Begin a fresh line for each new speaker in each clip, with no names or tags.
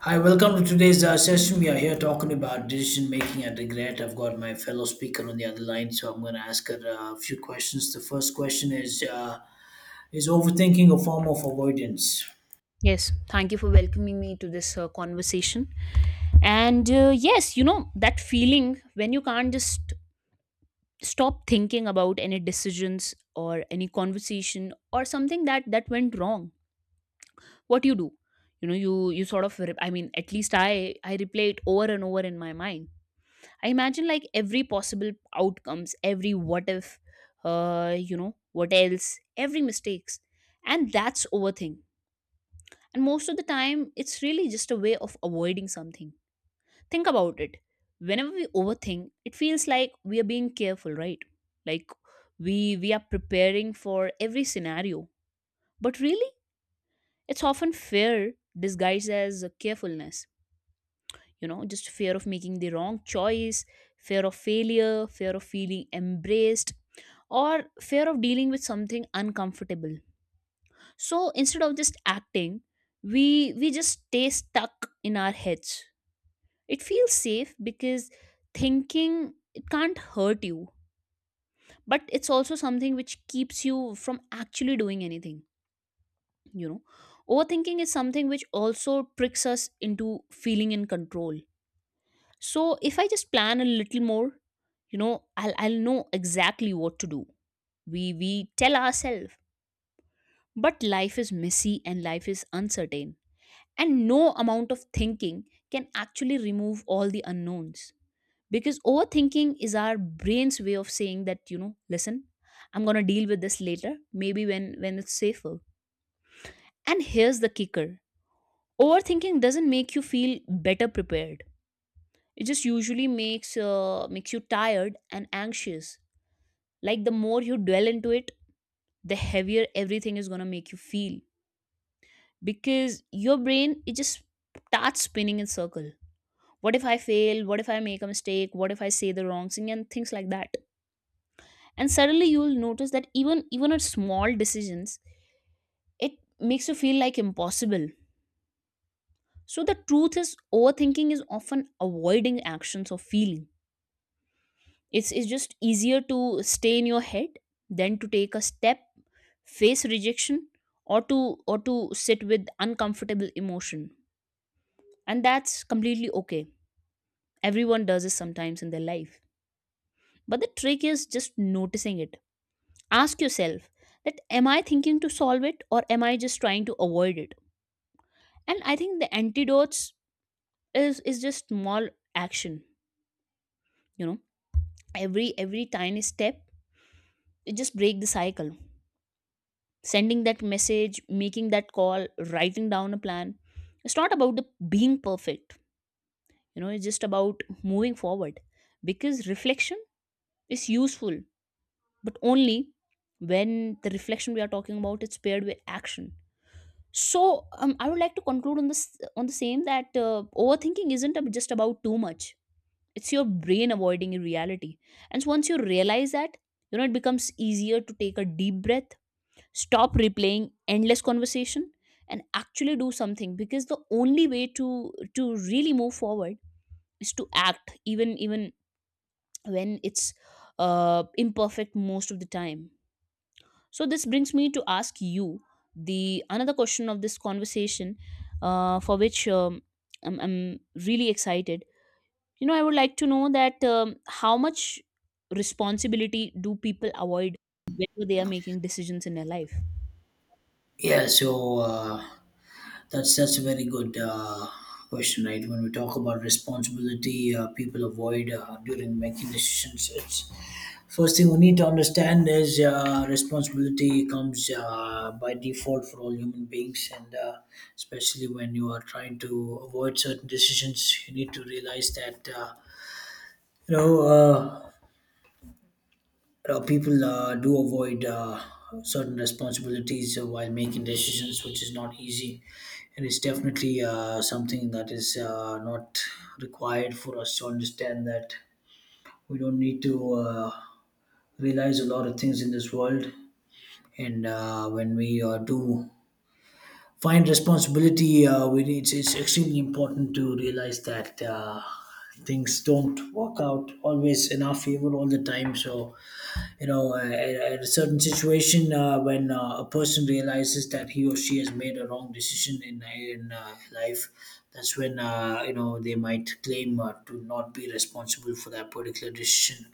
Hi, welcome to today's session. We are here talking about decision making and regret. I've got my fellow speaker on the other line, so I'm going to ask her a few questions. The first question is is overthinking a form of avoidance?
Yes, thank you for welcoming me to this conversation. And yes, you know, that feeling when you can't just stop thinking about any decisions or any conversation or something that went wrong. What you do? You know, you sort of at least I replay it over and over in my mind. I imagine like every possible outcomes, every what if, you know, what else, every mistakes. And that's overthink. And most of the time, it's really just a way of avoiding something. Think about it. Whenever we overthink, it feels like we are being careful, right? Like we are preparing for every scenario. But really, it's often fear disguised as a carefulness. You know, just fear of making the wrong choice, fear of failure, fear of feeling embraced, or fear of dealing with something uncomfortable. So instead of just acting, we just stay stuck in our heads. It feels safe because thinking it can't hurt you, but it's also something which keeps you from actually doing anything, you know. Overthinking is something which also tricks us into feeling in control. So if I just plan a little more, you know, I'll know exactly what to do. We tell ourselves, but life is messy and life is uncertain. And no amount of thinking can actually remove all the unknowns. Because overthinking is our brain's way of saying that, you know, listen, I'm going to deal with this later, maybe when it's safer. And here's the kicker. Overthinking doesn't make you feel better prepared, it just usually makes makes you tired and anxious. Like the more you dwell into it, the heavier everything is going to make you feel, because your brain, it just starts spinning in circle. What if I fail, what if I make a mistake, what if I say the wrong thing, and things like that. And suddenly you will notice that even at small decisions, it makes you feel like impossible. So the truth is, overthinking is often avoiding actions or feeling. It's just easier to stay in your head than to take a step, face rejection, or to or to sit with uncomfortable emotion. And that's completely okay. Everyone does this sometimes in their life. But the trick is just noticing it. Ask yourself that, am I thinking to solve it, or am I just trying to avoid it? And I think the antidotes is just small action. You know, every tiny step, it just break the cycle. Sending that message, making that call, writing down a plan. It's not about the being perfect, you know, it's just about moving forward. Because reflection is useful, but only when the reflection we are talking about is paired with action. So I would like to conclude on this on the same that overthinking isn't ab- just about too much, it's your brain avoiding reality. And so once you realize that, you know, it becomes easier to take a deep breath, stop replaying endless conversation, and actually do something, because the only way to really move forward is to act, even when it's imperfect most of the time. So this brings me to ask you the another question of this conversation, for which I'm really excited. You know, I would like to know that how much responsibility do people avoid whenever they are making decisions in their life?
Yeah, so that's a very good question, right? When we talk about responsibility, people avoid during making decisions. It's first thing we need to understand is responsibility comes by default for all human beings, and especially when you are trying to avoid certain decisions, you need to realize that you know. You people do avoid certain responsibilities while making decisions, which is not easy. And it's definitely something that is not required for us to understand that we don't need to realize a lot of things in this world. And when we do find responsibility, we need, it's extremely important to realize that things don't work out always in our favor all the time. So you know, at a certain situation when a person realizes that he or she has made a wrong decision in in life, that's when you know they might claim to not be responsible for that particular decision,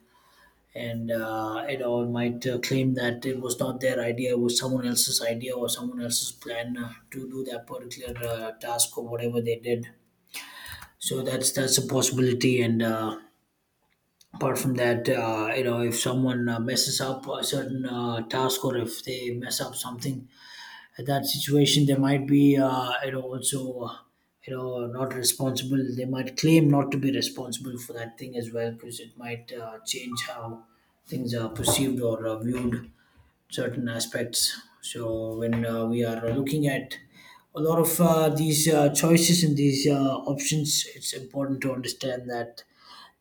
and you know might claim that it was not their idea, it was someone else's idea or someone else's plan to do that particular task or whatever they did. So that's a possibility, and. Apart from that you know if someone messes up a certain task or if they mess up something at that situation they might be you know also you know not responsible, they might claim not to be responsible for that thing as well, because it might change how things are perceived or viewed certain aspects. So when we are looking at a lot of these choices and these options, it's important to understand that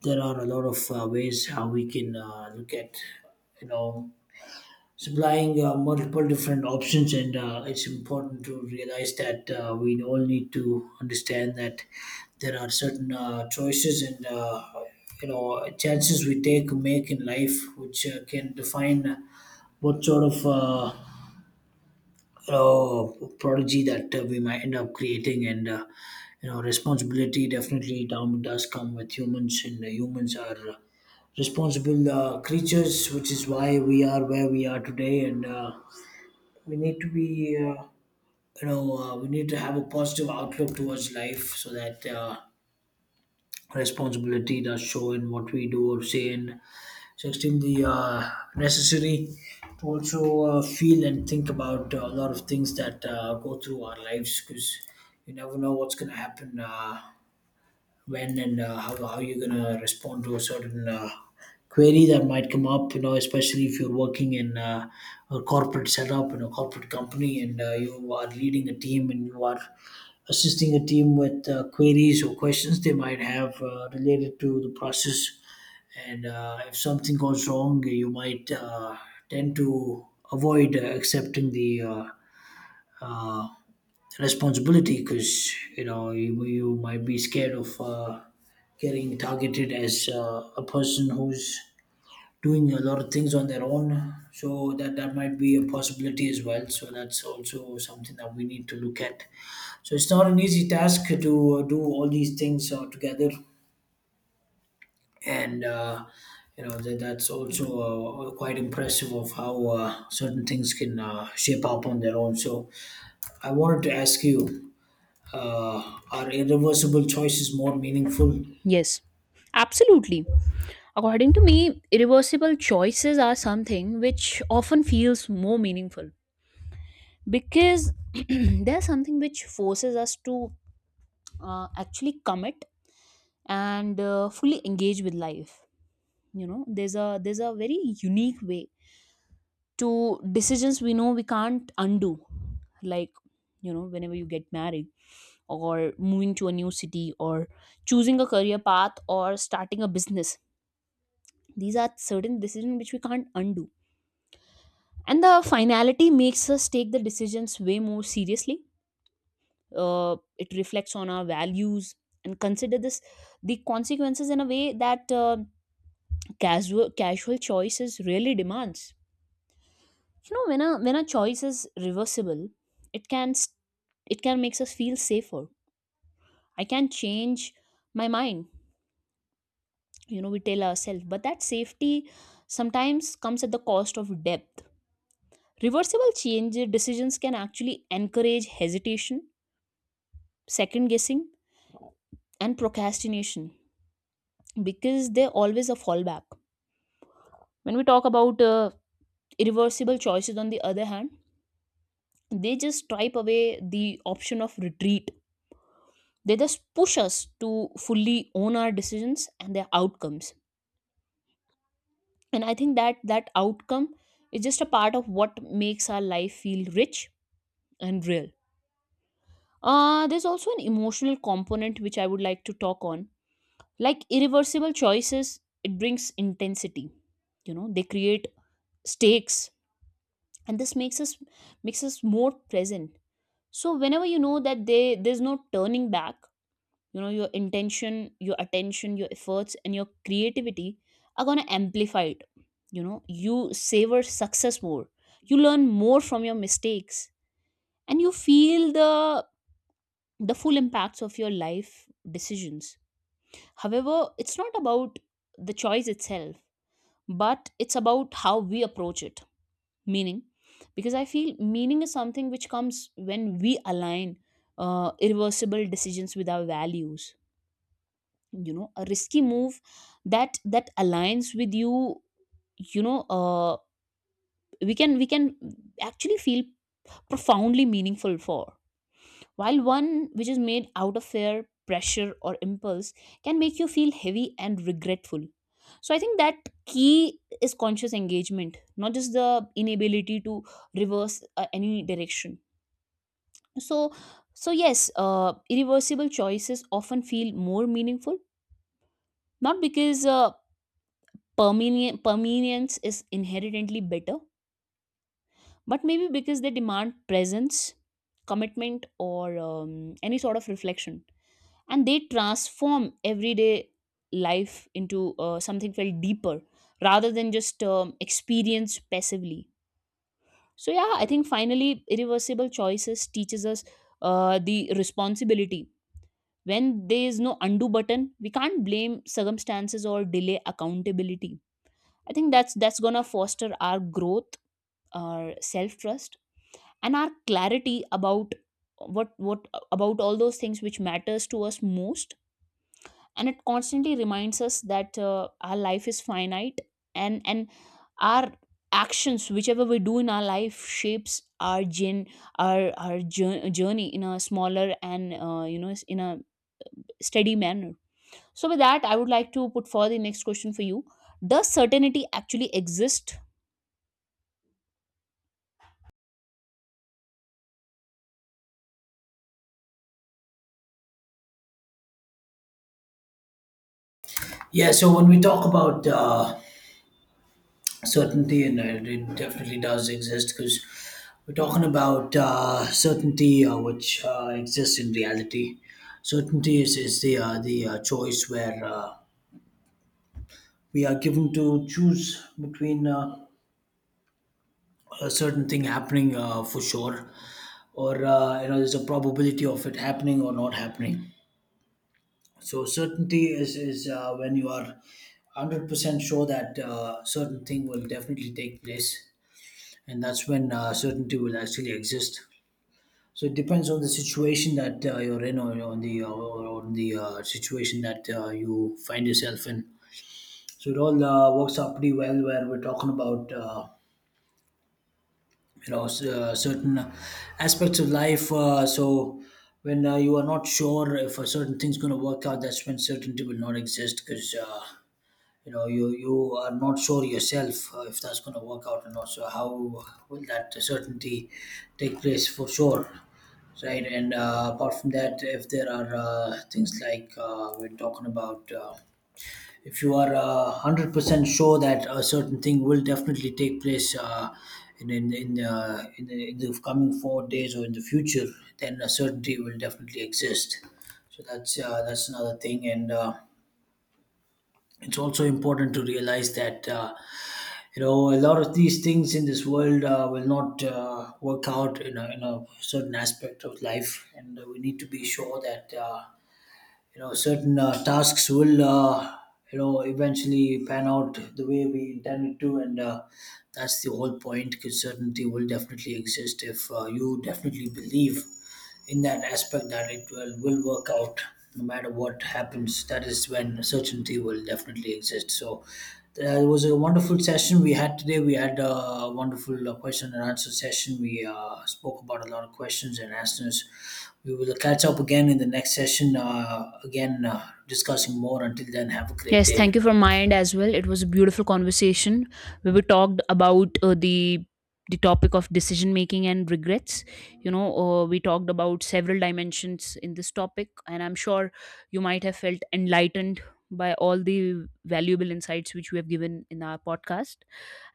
there are a lot of ways how we can look at you know supplying multiple different options, and it's important to realize that we all need to understand that there are certain choices and you know chances we take make in life which can define what sort of uh, prodigy that we might end up creating, and you know responsibility definitely down does come with humans, and humans are responsible creatures, which is why we are where we are today. And we need to be you know we need to have a positive outlook towards life so that responsibility does show in what we do or say, and just in the necessary to also feel and think about a lot of things that go through our lives, because you never know what's going to happen. When and how you're going to respond to a certain query that might come up, you know, especially if you're working in a corporate setup, in a corporate company, and you are leading a team and you are assisting a team with queries or questions they might have related to the process. And if something goes wrong you might tend to avoid accepting the uh, responsibility, because you know you might be scared of getting targeted as a person who's doing a lot of things on their own. So that might be a possibility as well, so that's also something that we need to look at. So it's not an easy task to do all these things together. And you know that's also quite impressive of how certain things can shape up on their own. So I wanted to ask you are irreversible choices more meaningful?
Yes, absolutely. According to me, irreversible choices are something which often feels more meaningful because there's something which forces us to actually commit and fully engage with life. You know, there's a very unique way to decisions we know we can't undo, like, you know, whenever you get married, or moving to a new city, or choosing a career path, or starting a business. These are certain decisions which we can't undo, and the finality makes us take the decisions way more seriously. It reflects on our values and consider this, the consequences in a way that casual choices really demands. You know, when a choice is reversible, it can s- it can makes us feel safer. I can change my mind, you know, we tell ourselves, but that safety sometimes comes at the cost of depth. Reversible change decisions can actually encourage hesitation, second guessing, and procrastination, because they always a fallback. When we talk about irreversible choices on the other hand, they just stripe away the option of retreat. They just push us to fully own our decisions and their outcomes. And I think that that outcome is just a part of what makes our life feel rich and real. There's also an emotional component which I would like to talk on. Like irreversible choices, it brings intensity. You know, they create stakes, and this makes us more present. So whenever you know that they there's no turning back, you know, your intention, your attention, your efforts, and your creativity are going to amplify it. You know, you savor success more, you learn more from your mistakes, and you feel the full impacts of your life decisions. However, it's not about the choice itself, but it's about how we approach it. Meaning, because I feel meaning is something which comes when we align irreversible decisions with our values. You know, a risky move that aligns with you, you know, we can actually feel profoundly meaningful, for while one which is made out of fear, pressure, or impulse can make you feel heavy and regretful. So I think that key is conscious engagement, not just the inability to reverse any direction. So so yes, irreversible choices often feel more meaningful, not because permanence is inherently better, but maybe because they demand presence, commitment, or any sort of reflection. And they transform everyday life into something felt deeper rather than just experience passively. So, yeah, I think finally, irreversible choices teaches us the responsibility. When there is no undo button, we can't blame circumstances or delay accountability. I think that's gonna foster our growth, our self trust, and our clarity about what about all those things which matters to us most. And it constantly reminds us that our life is finite, and our actions, whichever we do in our life, shapes our journey in a smaller and you know, in a steady manner. So with that, I would like to put forward the next question for you. Does certainty actually exist?
Yeah, so when we talk about certainty, and it definitely does exist because we're talking about certainty which exists in reality. Certainty is the choice where we are given to choose between a certain thing happening for sure, or you know, there's a probability of it happening or not happening. So certainty is is when you are 100% sure that certain thing will definitely take place, and that's when certainty will actually exist. So it depends on the situation that you're in, or on the situation that you find yourself in. So it all works out pretty well where we're talking about you know certain aspects of life. So when you are not sure if a certain thing's going to work out, that's when certainty will not exist, because. You know you are not sure yourself if that's going to work out or not, so how will that certainty take place for sure, right? And apart from that, if there are things like we're talking about if you are 100% sure that a certain thing will definitely take place in in the coming 4 days or in the future, then a certainty will definitely exist. So that's another thing. And it's also important to realize that you know a lot of these things in this world will not work out in in a certain aspect of life, and we need to be sure that you know certain tasks will you know eventually pan out the way we intend it to, and that's the whole point, because certainty will definitely exist if you definitely believe in that aspect that it will work out no matter what happens. That is when certainty will definitely exist. So it was a wonderful session we had today. We had a wonderful question and answer session. We spoke about a lot of questions and answers. We will catch up again in the next session, again discussing more. Until then, have a great
Yes, thank
day.
you from my end as well. It was a beautiful conversation where we talked about the topic of decision making and regrets. You know, we talked about several dimensions in this topic, and I'm sure you might have felt enlightened by all the valuable insights which we have given in our podcast.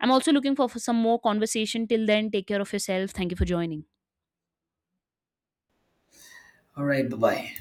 I'm also looking for some more conversation. Till then, take care of yourself. Thank you for joining.
All right, bye bye.